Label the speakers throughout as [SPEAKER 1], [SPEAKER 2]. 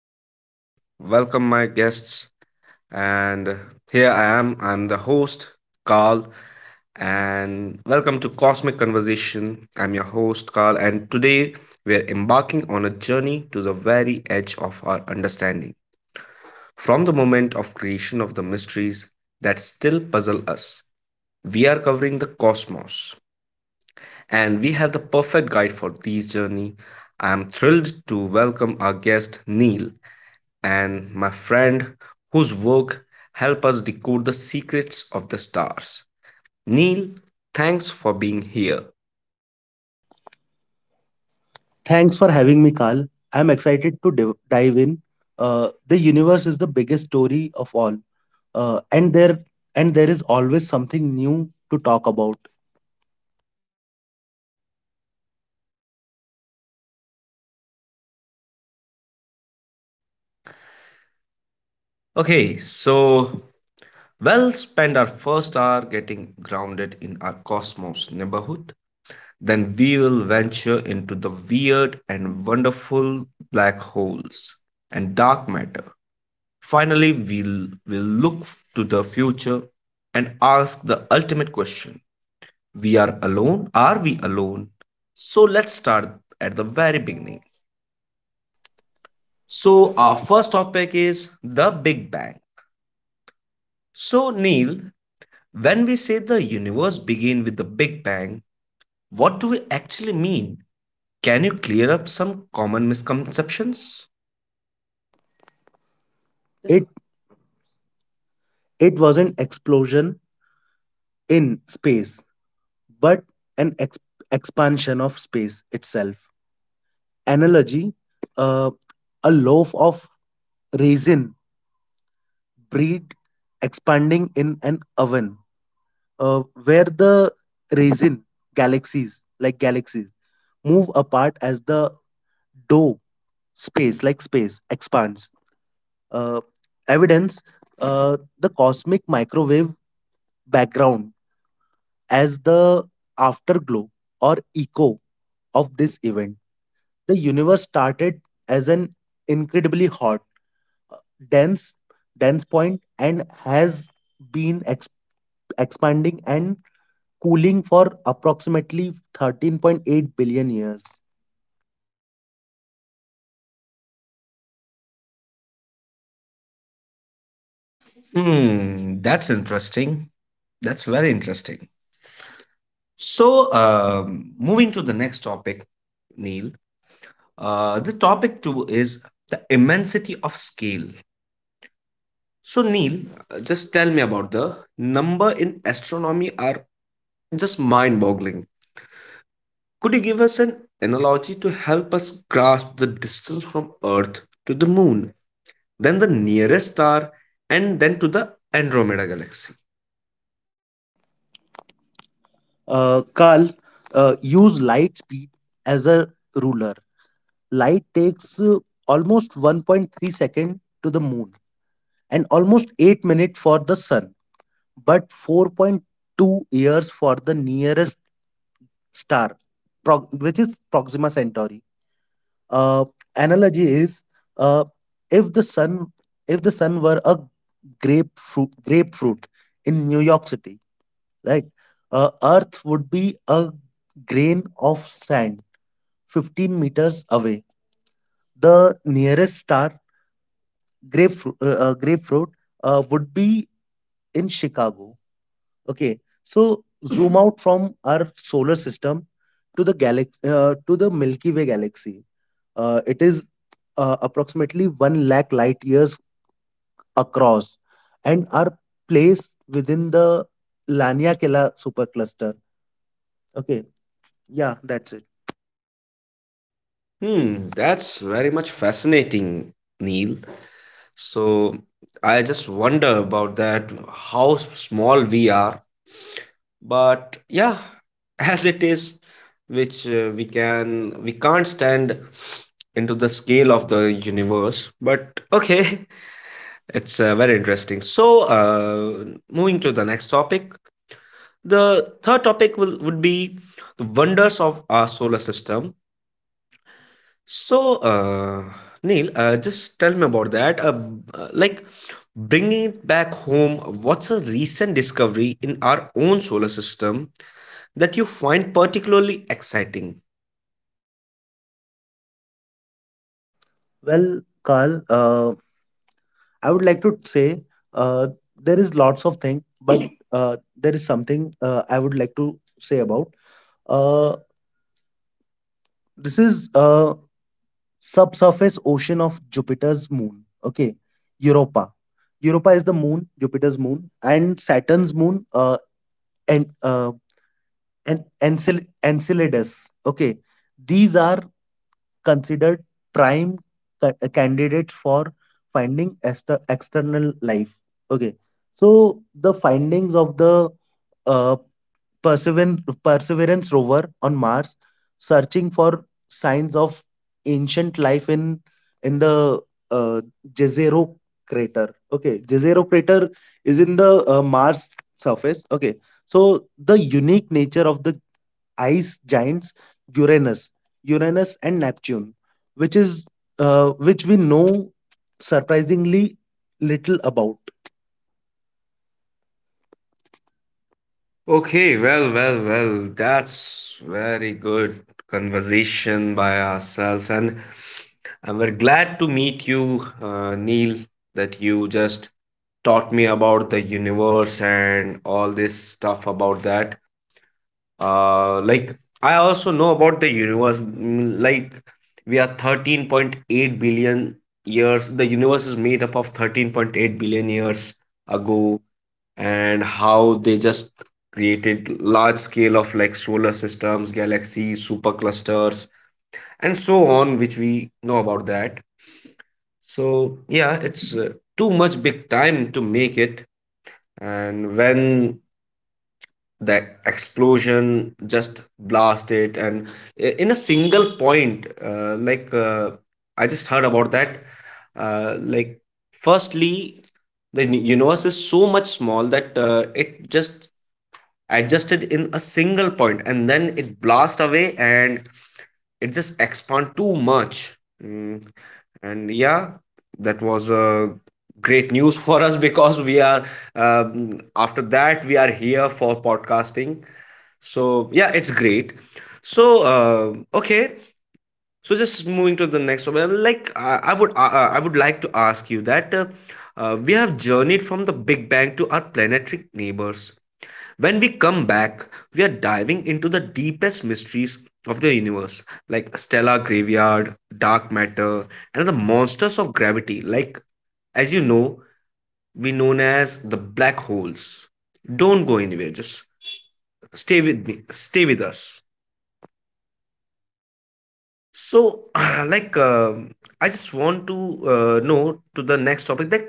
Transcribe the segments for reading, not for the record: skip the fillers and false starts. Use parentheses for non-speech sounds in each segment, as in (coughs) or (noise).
[SPEAKER 1] hello, welcome my guests. And here I am, I'm the host, Carl, and welcome to Cosmic Conversation. I'm your host, Carl, and today we are embarking on a journey to the very edge of our understanding. From the moment of creation of the mysteries that still puzzle us, we are covering the cosmos, and we have the perfect guide for this journey. I'm thrilled to welcome our guest, Neil, and my friend whose work help us decode the secrets of the stars. Neil, thanks for being here.
[SPEAKER 2] Thanks for having me, Carl. I'm excited to dive in. The universe is the biggest story of all, uh, and there and there is always something new to talk about.
[SPEAKER 1] Okay, so we'll spend our first hour getting grounded in our cosmos neighborhood. Then we will venture into the weird and wonderful black holes and dark matter. Finally, we'll look to the future and ask the ultimate question, we are alone. Are we alone? So let's start at the very beginning.
[SPEAKER 2] So,
[SPEAKER 1] So, our
[SPEAKER 2] uh,
[SPEAKER 1] first
[SPEAKER 2] first,
[SPEAKER 1] topic is the Big Bang. So, Neil, when we say the universe began with the Big Bang, what do we actually mean? Can you clear up some common misconceptions?
[SPEAKER 2] It it was an explosion in space, but an expansion of space itself. Analogy: uh, a loaf of raisin breed expanding in an oven, uh, where the raisin galaxies like galaxies move apart as the dough space like space expands, uh, evidence, the cosmic microwave background as the afterglow or echo of this event. The universe started as an incredibly hot, uh, dense dense point and has been expanding and cooling for approximately 13.8 billion years.
[SPEAKER 1] Hmm, that's interesting. That's very interesting. So, moving to the next topic, Neil, the topic two is the immensity of scale. So, Neil, just tell me about the number in astronomy are just mind boggling. Could you give us an analogy to help us grasp the distance from Earth to the moon, then the nearest star, and then to the Andromeda galaxy?
[SPEAKER 2] Carl, use light speed as a ruler. Light takes, almost 1.3 second to the moon and almost 8 minutes for the sun, but 4.2 years for the nearest star, which is Proxima Centauri. Uh, Analogy is, uh, if the sun if the sun were a grapefruit in New York City, right? Earth would be a grain of sand 15 meters away. The nearest star, grapefruit, grapefruit, would be in Chicago. Okay, so zoom out from our solar system to the galaxy, to the Milky Way galaxy. It is approximately one lakh light years across, and our place within the Laniakela supercluster. Okay, yeah, that's it.
[SPEAKER 1] Hmm, that's very much fascinating, Neil. So, I just wonder about that how small we are, but yeah, (laughs) as it is, which we can't stand into the scale of the universe, but okay. (laughs) It's very interesting. So, moving to the next topic, the third topic will would be the wonders of our solar system. So, Neil, just tell me about that, like, bringing it back home, what's a recent discovery in our own solar system that you find particularly exciting?
[SPEAKER 2] Well, Carl, I would like to say, uh, there is lots of thing, but (coughs) there is something, I would like to say about. Uh, this is a subsurface ocean of Jupiter's moon. Okay, Europa. Europa is the moon, Jupiter's moon, and Saturn's moon, and uh, and Enceladus. Okay, these are considered prime candidates for finding external life. Okay, so the findings of the, uh, Perseverance rover on Mars, searching for signs of ancient life in the, uh, Jezero crater. Okay, Jezero crater is in the Mars surface. Okay, so the unique nature of the ice giants, Uranus, Uranus and Neptune, which is, which we know surprisingly little about.
[SPEAKER 1] Okay, well, well, well, that's very good conversation by ourselves, and we're glad to meet you, Neil, that you just taught me about the universe and all this stuff about that. Like, I also know about the universe. Like, we are 13.8 billion years. The universe is made up of 13.8 billion years ago, and how they just created large scale of like solar systems, galaxies, superclusters, and so on, which we know about that. So yeah, it's too much big time to make it. And when the explosion just blast it, and in a single point, like, I just heard about that, like, firstly, the universe is so much small that it just adjusted in a single point, and then it blasts away and it just expand too much. Mm, and yeah, that was a great news (laughs) for us, because we are, after that, we are here for podcasting. So yeah, it's great. So okay. So just moving to the next one, like, I would like to ask you that, we have journeyed from the Big Bang to our planetary neighbors. When we come back, we are diving into the deepest mysteries of the universe, like stellar graveyard, dark matter, and the monsters of gravity, like, as you know, we known as the black holes. Don't go anywhere, just stay with me, stay with us. So, (clears throat) like, I just want to know to the next topic that,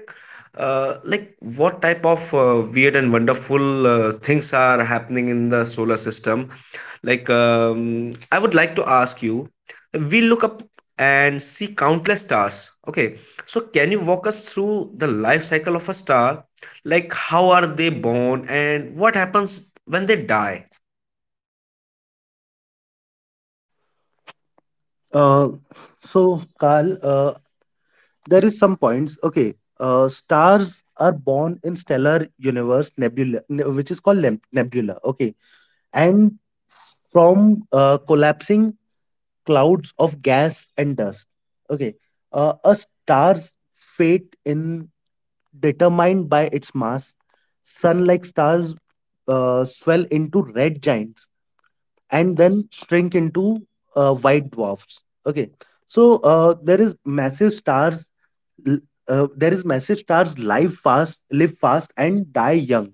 [SPEAKER 1] like, what type of weird and wonderful things are happening in the solar system. Like, I would like to ask you, we look up and see countless stars. Okay, so can you walk us through the life cycle of a star? Like, how are they born and what happens when they die?
[SPEAKER 2] Uh, Carl, there is some points. Okay, stars are born in stellar universe nebula, which is called nebula. Okay, and from collapsing clouds of gas and dust. Okay, a star's fate in determined by its mass. Sun like stars swell into red giants and then shrink into, white dwarfs. Okay, so there is massive stars, l- there is massive stars, live fast and die young.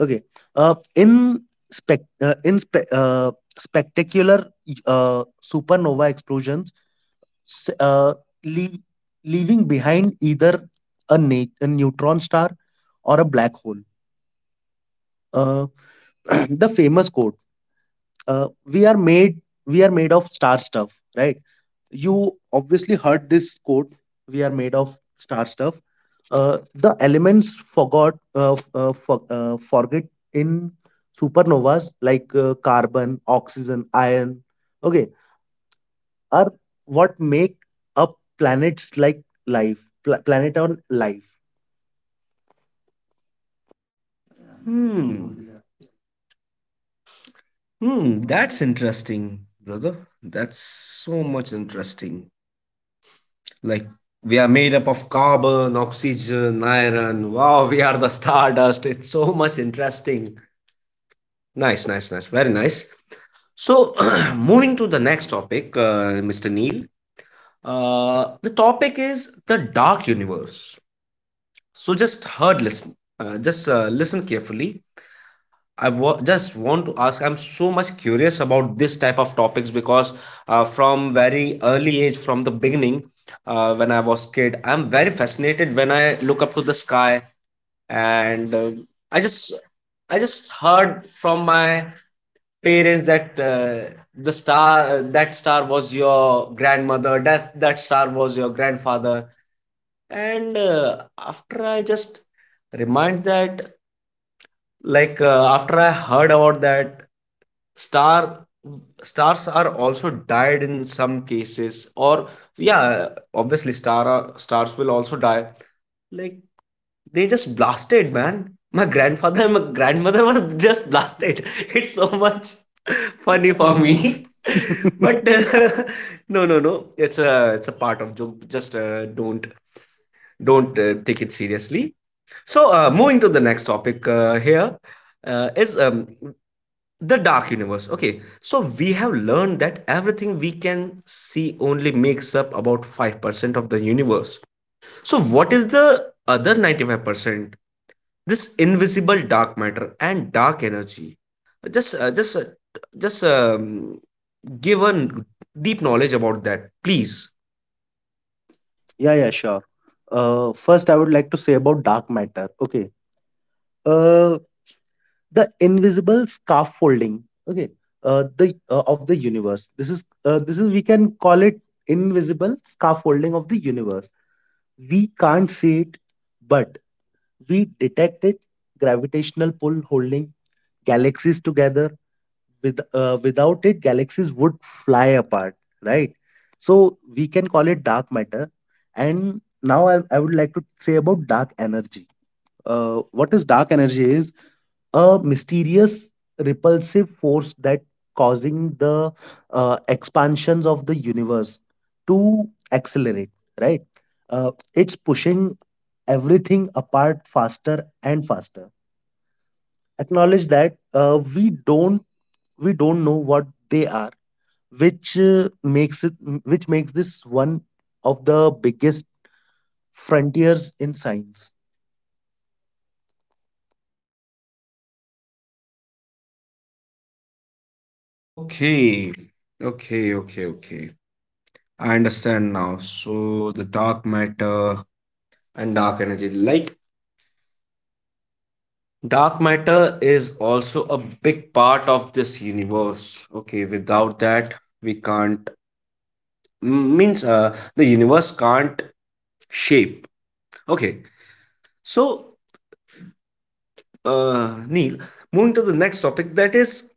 [SPEAKER 2] Okay, in spec in spe- spectacular, supernova explosions, s- uh, leave, leaving behind either a neutron star or a black hole. uh, (clears throat) the famous quote, uh, we are made we are made of star stuff, right? You obviously heard this quote. We are made of star stuff. The elements, forget in supernovas, like, carbon, oxygen, iron. Okay, are what make up planets like planet on life.
[SPEAKER 1] Hmm. Hmm, that's interesting, brother. That's so much interesting. Like, we are made up of carbon, oxygen, iron. Wow, we are the stardust. It's so much interesting. Nice, nice, nice. Very nice. So, (clears throat) moving to the next topic, Mr. Neil, the topic is the dark universe. So, just heard, listen, just listen carefully. Just want to ask. I'm so much curious about this type of topics, because from very early age, from the beginning, when I was kid, I'm very fascinated when I look up to the sky, and I just heard from my parents that, the star, that star was your grandmother, that that star was your grandfather. And after I just remind that, like, after I heard about that, star stars are also died in some cases, or yeah, obviously star are, stars will also die. Like, they just blasted, man. My grandfather and my grandmother were just blasted. (laughs) It's so much funny
[SPEAKER 2] Only
[SPEAKER 1] for
[SPEAKER 2] for
[SPEAKER 1] me.
[SPEAKER 2] me. (laughs)
[SPEAKER 1] (laughs)
[SPEAKER 2] But
[SPEAKER 1] but
[SPEAKER 2] till.
[SPEAKER 1] uh, no, no, no. It's a part of joke. Just don't take it seriously. So, moving to the next topic, here is, the dark universe. Okay, so we have learned that everything we can see only makes up about 5% of the universe. So what is the other 95%, this invisible dark matter and dark energy? Just uh, just uh, just um, give a deep knowledge about that, please.
[SPEAKER 2] Yeah, yeah, sure. First, I would like to say about dark matter. Okay, uh, the invisible scaffolding. Okay, the of the universe. This is, this is we can call it invisible scaffolding of the universe. We can't see it, but we detect it. Gravitational pull holding galaxies together. Without it, galaxies would fly apart, right? So we can call it dark matter. And now, I would like to say about dark energy. What is dark energy? Is a mysterious repulsive force that causing the, expansions of the universe to accelerate, right? It's pushing everything apart faster and faster. Acknowledge that, we don't know what they are, which uh, makes it which makes this one of the biggest frontiers in science.
[SPEAKER 1] Okay, okay, okay, okay. I understand now. So the dark matter and dark energy, like, dark matter is also a big part of this universe, okay, without that we can't, means, the universe can't shape. Okay, so Neil, moving to the next topic, that is,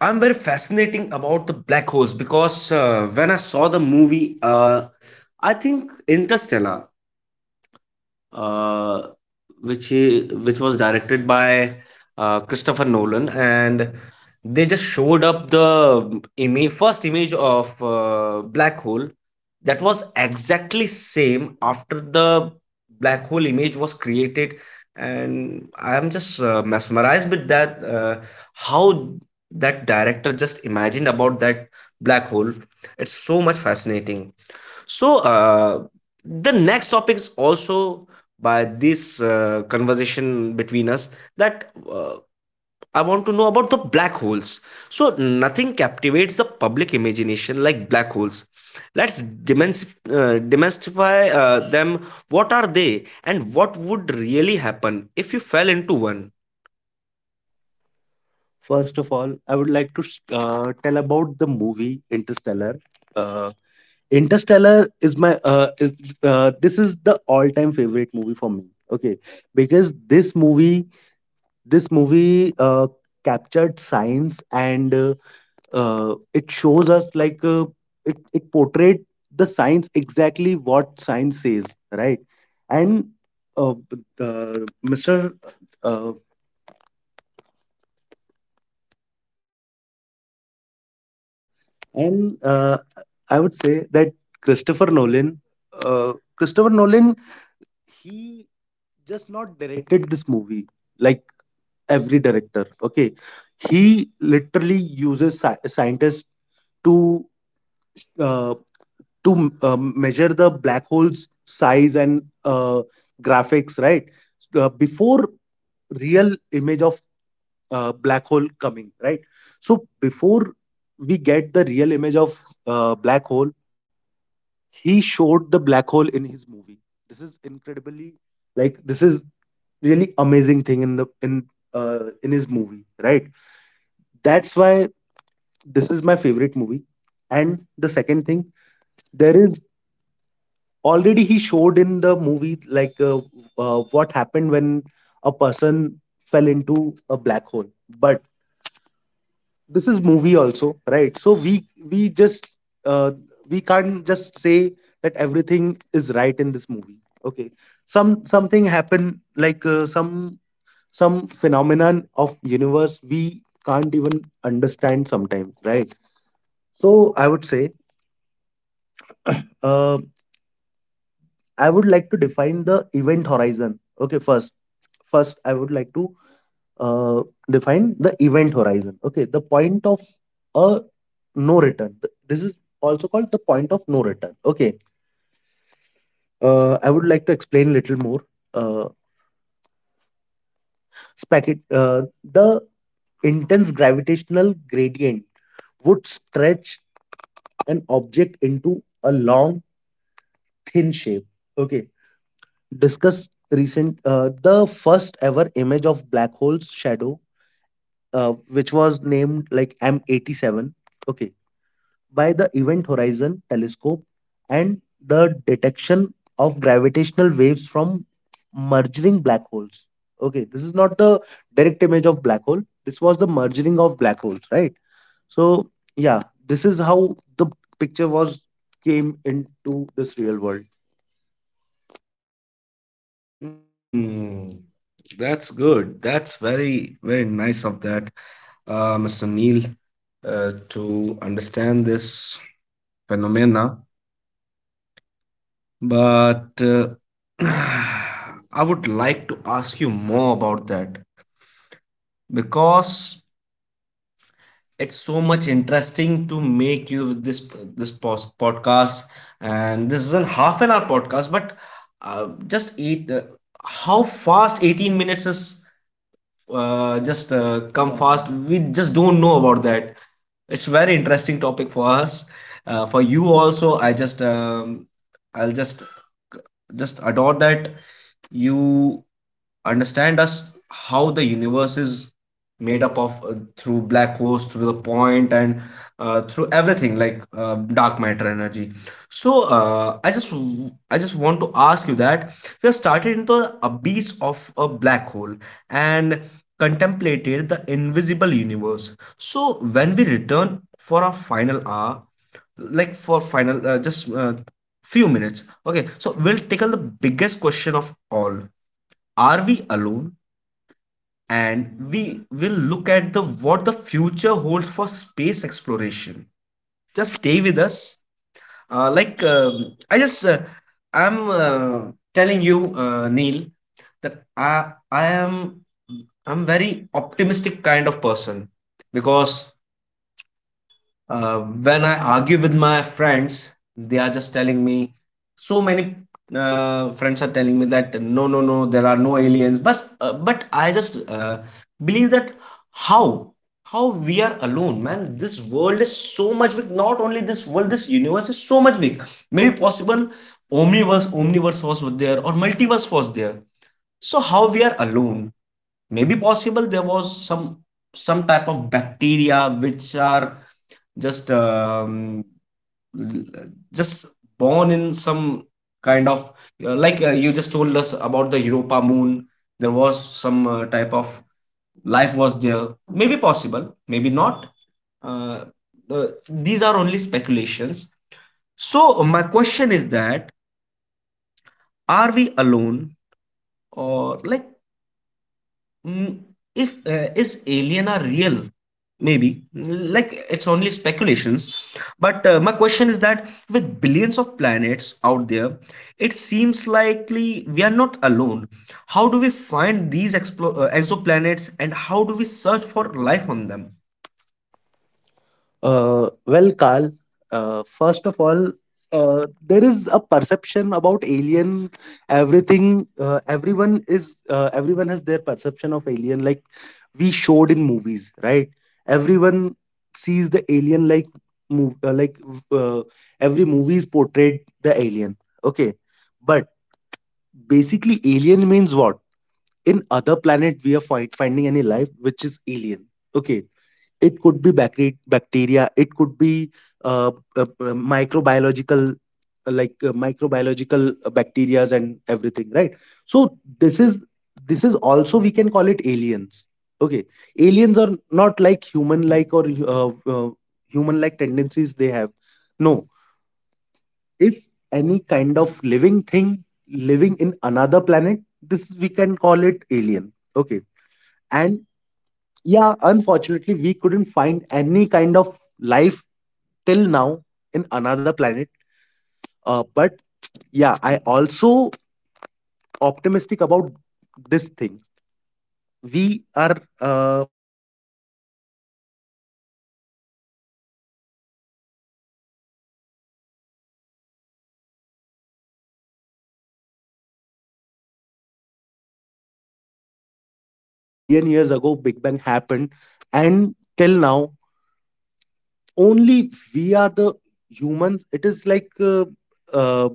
[SPEAKER 1] I'm very fascinating about the black holes, because when I saw the movie, I think Interstellar, uh, which was directed by Christopher Nolan, and they just showed up the image, first image of black hole that was exactly same after the black hole image was created. And I am just mesmerized with that, how that director just imagined about that black hole. It's so much fascinating. So, the next topic is also by this conversation between us, that I want to know about the black holes. So, nothing captivates the public imagination like black holes. Let's demystify them. What are they, and what would really happen if you fell into one?
[SPEAKER 2] First of all, I would like to tell about the movie Interstellar. Uh, Interstellar is my is this is the all-time favorite movie for me. Okay, because this movie, captured science and, it shows us, like, it portrayed the science exactly what science says, right? And uh, b- uh, Mr. And, I would say that Christopher Nolan, Christopher Nolan, he just not directed this movie like every director. Okay, he literally uses scientists to, uh, measure the black hole's size and, graphics, right? Before real image of, black hole coming, right? So before we get the real image of, black hole, he showed the black hole in his movie. This is incredibly, like, this is really amazing thing in the in his movie, right? That's why this is my favorite movie. And the second thing, there is already he showed in the movie, like, what happened when a person fell into a black hole. But this is movie also, right? So we just, uh, we can't just say that everything is right in this movie. Okay, something happened, like, some phenomenon of universe we can't even understand sometimes, right? So I would say, uh, I would like to define the event horizon. Okay, first I would like to, uh, define the event horizon. Okay, the point of a no return. This is also called the point of no return. Okay, I would like to explain little more. Uh, Spacket, the intense gravitational gradient would stretch an object into a long, thin shape. Okay, discuss recent, the first ever image of black hole's shadow, which was named like M87. Okay, by the Event Horizon Telescope and the detection of gravitational waves from merging black holes. Okay, this is not the direct image of black hole. This was the merging of black holes, right? So yeah, this is how the picture was came into this real world.
[SPEAKER 1] Mm, that's good. That's very, very nice of that, Mr. Neil, to understand this phenomena. But (clears throat) I would like to ask you more about that, because it's so much interesting to make you with this, podcast. And this is a half an hour podcast, but just eight. How fast 18 minutes is, just come fast, we just don't know about that. It's very interesting topic for us, for you also. I'll just adore that you understand us how the universe is made up of, through black holes, through the point, and through everything, like, dark matter energy. So I just want to ask you that we have started into the abyss of a black hole and contemplated the invisible universe. So when we return for our final hour, like, for final, just, few minutes. Okay, so we'll tackle the biggest question of all: Are we alone? And we will look at the what the future holds for space exploration. Just stay with us. Like, I just, I'm, telling you, Neil, that I'm very optimistic kind of person, because uh, when I argue with my friends, they are just telling me so many, friends are telling me that no, no, no, there are no aliens. But I just believe that, how how we are alone, man. This world is so much big. Not only this world, this universe is so much big. Maybe possible, omniverse was there, or multiverse was there. So how we are alone? Maybe possible there was some type of bacteria which are just, just born in some kind of, like, you just told us about the Europa moon, there was some type of life was there, maybe possible, maybe not. uh, uh, these are only speculations. So my question is that, are we alone, or, like, Mm, if, is alien are real, maybe, like, it's only speculations. But my question is that, with billions of planets out there, it seems likely we are not alone. How do we find these exoplanets, and how do we search for life on them?
[SPEAKER 2] Well, Carl, first of all, there is a perception about alien. Everyone has their perception of alien, like we showed in movies, right? Everyone sees the alien, like, like, uh, every movie is portrayed the alien. Okay, but basically, alien means what? In other planet, we are finding any life which is alien. Okay, it could be bacteria. It could be, microbiological, like, microbiological, bacteria and everything, right? So this is also we can call it aliens. Okay, aliens are not like human-like or, human-like tendencies they have. No, if any kind of living thing living in another planet, this we can call it alien. Okay, and yeah, unfortunately we couldn't find any kind of life till now in another planet. But yeah, I also optimistic about this thing. We are Sometimes I thought that we are not alone in this universe. Okay, because universe is too much big, like it is too far away from us, like, 13.8 billion years ago big bang happened and till now only we are the humans. It is like, uh,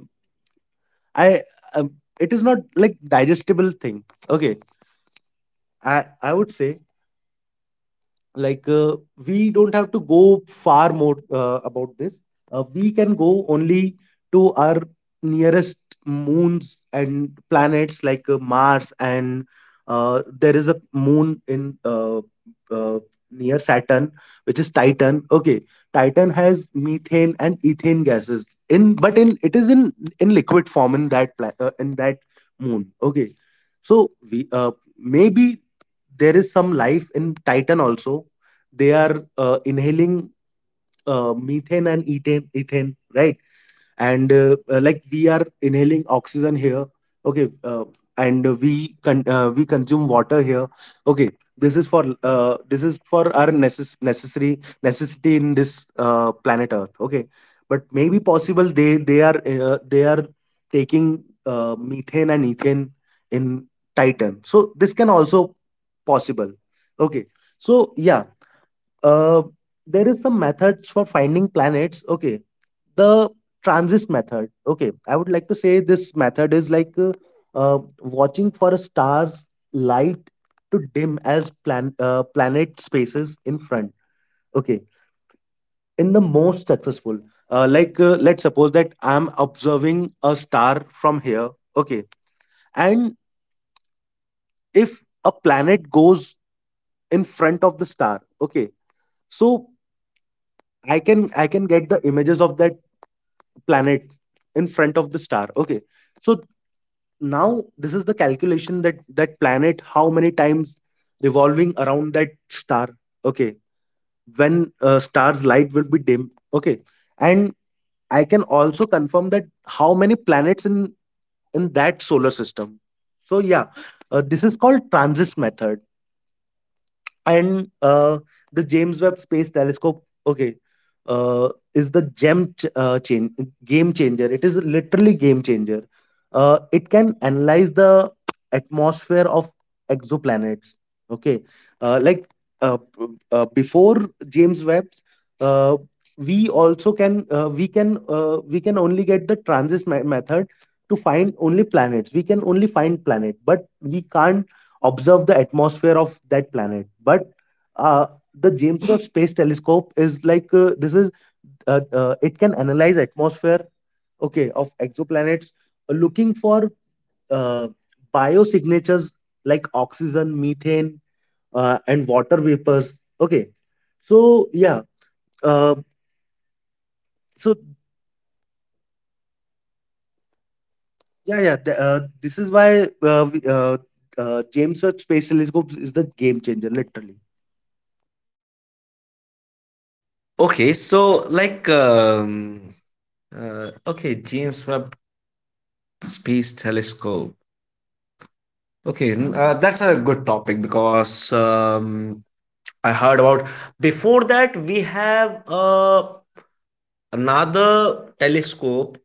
[SPEAKER 2] I um, it is not like digestible thing. Okay, i I would say, like, we don't have to go far more, about this. We can go only to our nearest moons and planets, like, Mars. And there is a moon in, uh, near Saturn, which is Titan. Okay, Titan has methane and ethane gases in but in it is in liquid form in that in that moon. Okay, so we, maybe there is some life in Titan also. They are, inhaling, methane and ethane, right? And, like, we are inhaling oxygen here, okay, and we consume water here, okay. This is for our necess- necessary necessity in this, planet Earth, okay. But maybe possible they are taking, methane and ethane in Titan, so this can also possible, okay. So uh, there is some methods for finding planets, okay, the transit method. Okay, I would like to say this method is like watching for a star's light to dim as planet spaces in front, okay, in the most successful. Let's suppose that I'm observing a star from here, okay, and if a planet goes in front of the star, okay, so I can get the images of that planet in front of the star, okay. So now this is the calculation that that planet, how many times revolving around that star, okay, when star's light will be dim, okay. And I can also confirm that how many planets in that solar system. So yeah, this is called transit method. And the James Webb Space Telescope, okay, uh, is the gem ch- chain game changer. It is literally game changer. It can analyze the atmosphere of exoplanets. Okay, uh, like uh, p- before James Webb's, uh, we also can we can we can only get the method to find only planets. We can only find planet, but we can't observe the atmosphere of that planet. But uh, the James Webb Space Telescope is like this is it can analyze atmosphere, okay, of exoplanets, looking for uh, biosignatures like oxygen, methane, and water vapors, okay. so yeah uh, so this is why uh, we- uh, James Webb Space Telescope is the game changer, literally.
[SPEAKER 1] Okay, so, like, okay, James Webb Space Telescope. Okay, that's a good topic, because I heard about. Before that, we have another telescope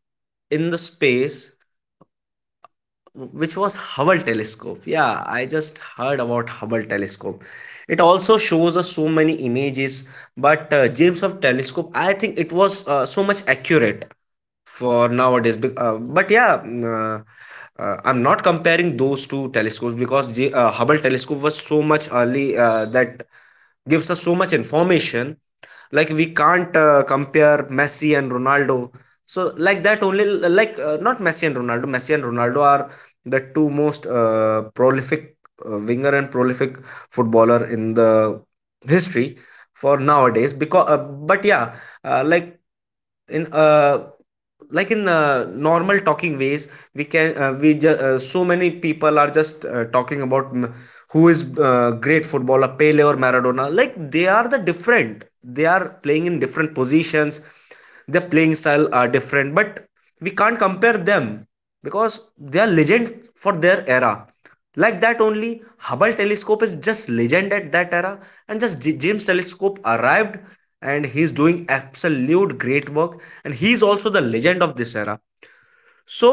[SPEAKER 1] in the space, which was Hubble telescope. Yeah, I just heard about Hubble telescope. It also shows us so many images, but James Webb telescope, I think it was so much accurate for nowadays. But yeah, I'm not comparing those two telescopes, because Hubble telescope was so much early, that gives us so much information, like, we can't compare Messi and Ronaldo. So, like that only, like, not Messi and Ronaldo. Messi and Ronaldo are the two most prolific winger and prolific footballer in the history for nowadays, because but yeah, uh, like in uh like in, normal talking ways, we can we ju- so many people are just talking about, who is great footballer, Pele or Maradona. Like, they are playing in different positions, their playing style are different, but we can't compare them, because they are legend for their era. Like that only, Hubble telescope is just legend at that era, and just James telescope arrived, and he's doing absolute great work, and he's also the legend of this era. So,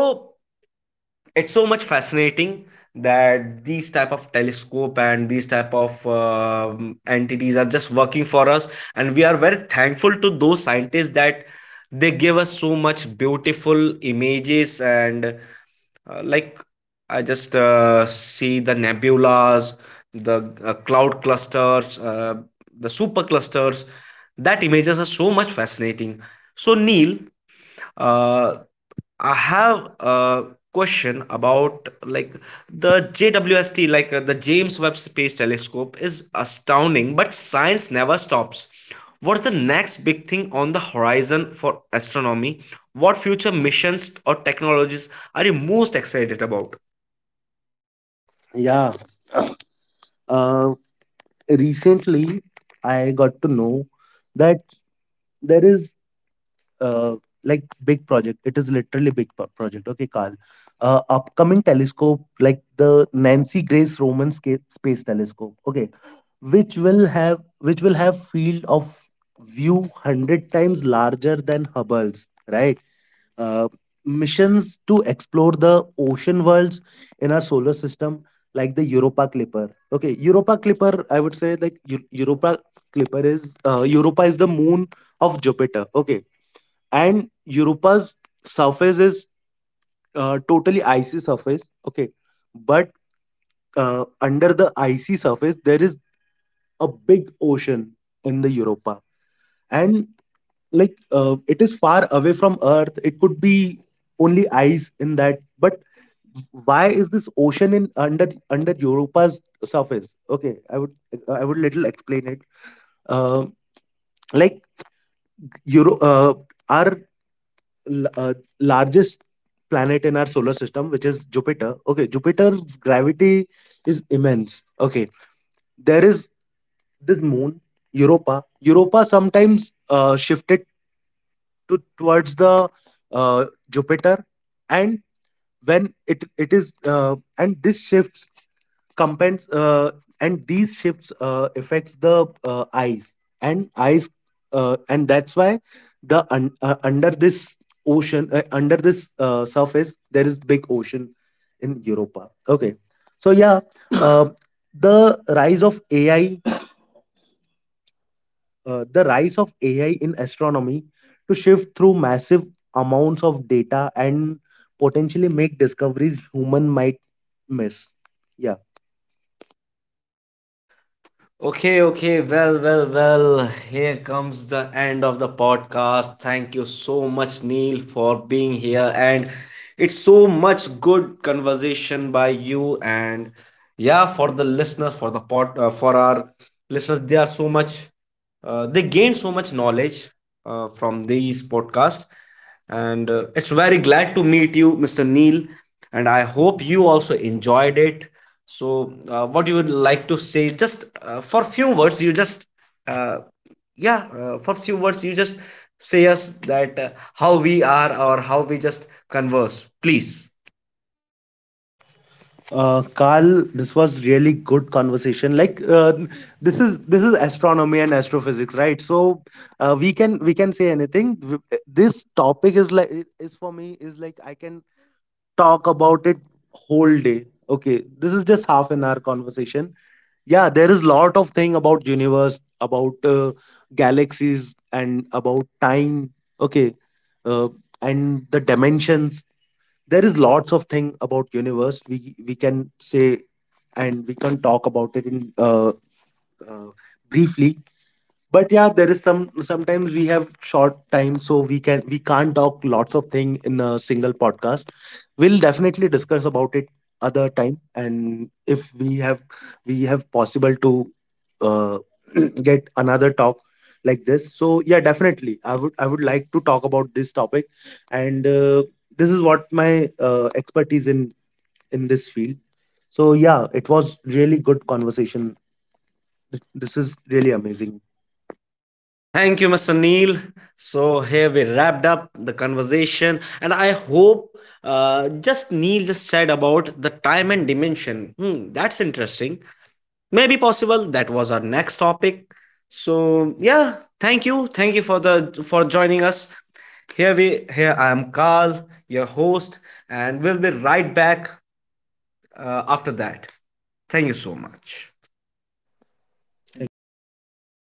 [SPEAKER 1] it's so much fascinating that these type of telescope and these type of entities are just working for us, and we are very thankful to those scientists that they give us so much beautiful images. And like, I just see the nebulas, the cloud clusters, the superclusters. That images are so much fascinating. So, Neil, uh, I have a question about, like, the JWST, like, the James Webb Space Telescope, is astounding, but science never stops. What's the next big thing on the horizon for astronomy? What future missions or technologies are you most excited about?
[SPEAKER 2] Yeah. (clears throat) Uh, recently I got to know that there is uh, like big project. It is literally project, okay, Carl. Uh, upcoming telescope like the Nancy Grace Roman Space Telescope, okay, which will have field of view 100 times larger than Hubble's, right. Uh, missions to explore the ocean worlds in our solar system like the Europa Clipper. Okay, Europa Clipper, I would say, like, Europa Clipper is, Europa is the moon of Jupiter, okay. And Europa's surface is, totally icy surface. Okay, but under the icy surface there is a big ocean in the Europa. And like, it is far away from Earth. It could be only ice in that, but why is this ocean in under Europa's surface? Okay, I would little explain it. Uh, like Euro, uh, our l- uh, largest planet in our solar system, which is Jupiter, okay. Jupiter's gravity is immense, okay. There is this moon, Europa. Europa sometimes, shifted to towards the, uh, Jupiter. And when it is, and this compens- uh, shifts, affects the, eyes and eyes, and that's why the under this ocean under this, surface there is big ocean in Europa, okay. So yeah, uh, the rise of ai the rise of AI in astronomy to shift through massive amounts of data and potentially make discoveries human might miss. Yeah.
[SPEAKER 1] Okay, okay, well, well, well, here comes the end of the podcast. Thank you so much, Neil, for being here. And it's so much good conversation by you. And yeah, for the listeners, for our listeners, they are so much, they gained so much knowledge from these podcasts. And it's very glad to meet you, Mr. Neil, and I hope you also enjoyed it. So what you would like to say, just for few words, you just, uh, yeah, for few words, you just say us that, how we are or how we just converse, please.
[SPEAKER 2] Carl, this was really good conversation. Like, this is astronomy and astrophysics, right? So, we can say anything. This topic is like, is for me is like, I can talk about it whole day. Okay, this is just half an hour conversation. Yeah, there is lot of thing about universe, about, galaxies, and about time. Okay, uh, and the dimensions. There is lots of thing about universe. We can say, and we can talk about it in, uh, briefly. But yeah, there is sometimes we have short time, so we can't talk lots of thing in a single podcast. We'll definitely discuss about it other time. And if we have, we have possible to, uh, (clears throat) get another talk like this. So yeah, definitely I would like to talk about this topic. And this is what my, expertise in this field. So yeah, it was really good conversation. This is really amazing.
[SPEAKER 1] Thank you, Mr. Neil. So here we wrapped up the conversation, and I hope, just, Neil just said about the time and dimension. Hmm, that's interesting. Maybe possible that was our next topic. So yeah, thank you for joining us. Here I am, Carl, your host, and we'll be right back after that. Thank you so much.
[SPEAKER 2] Thank you.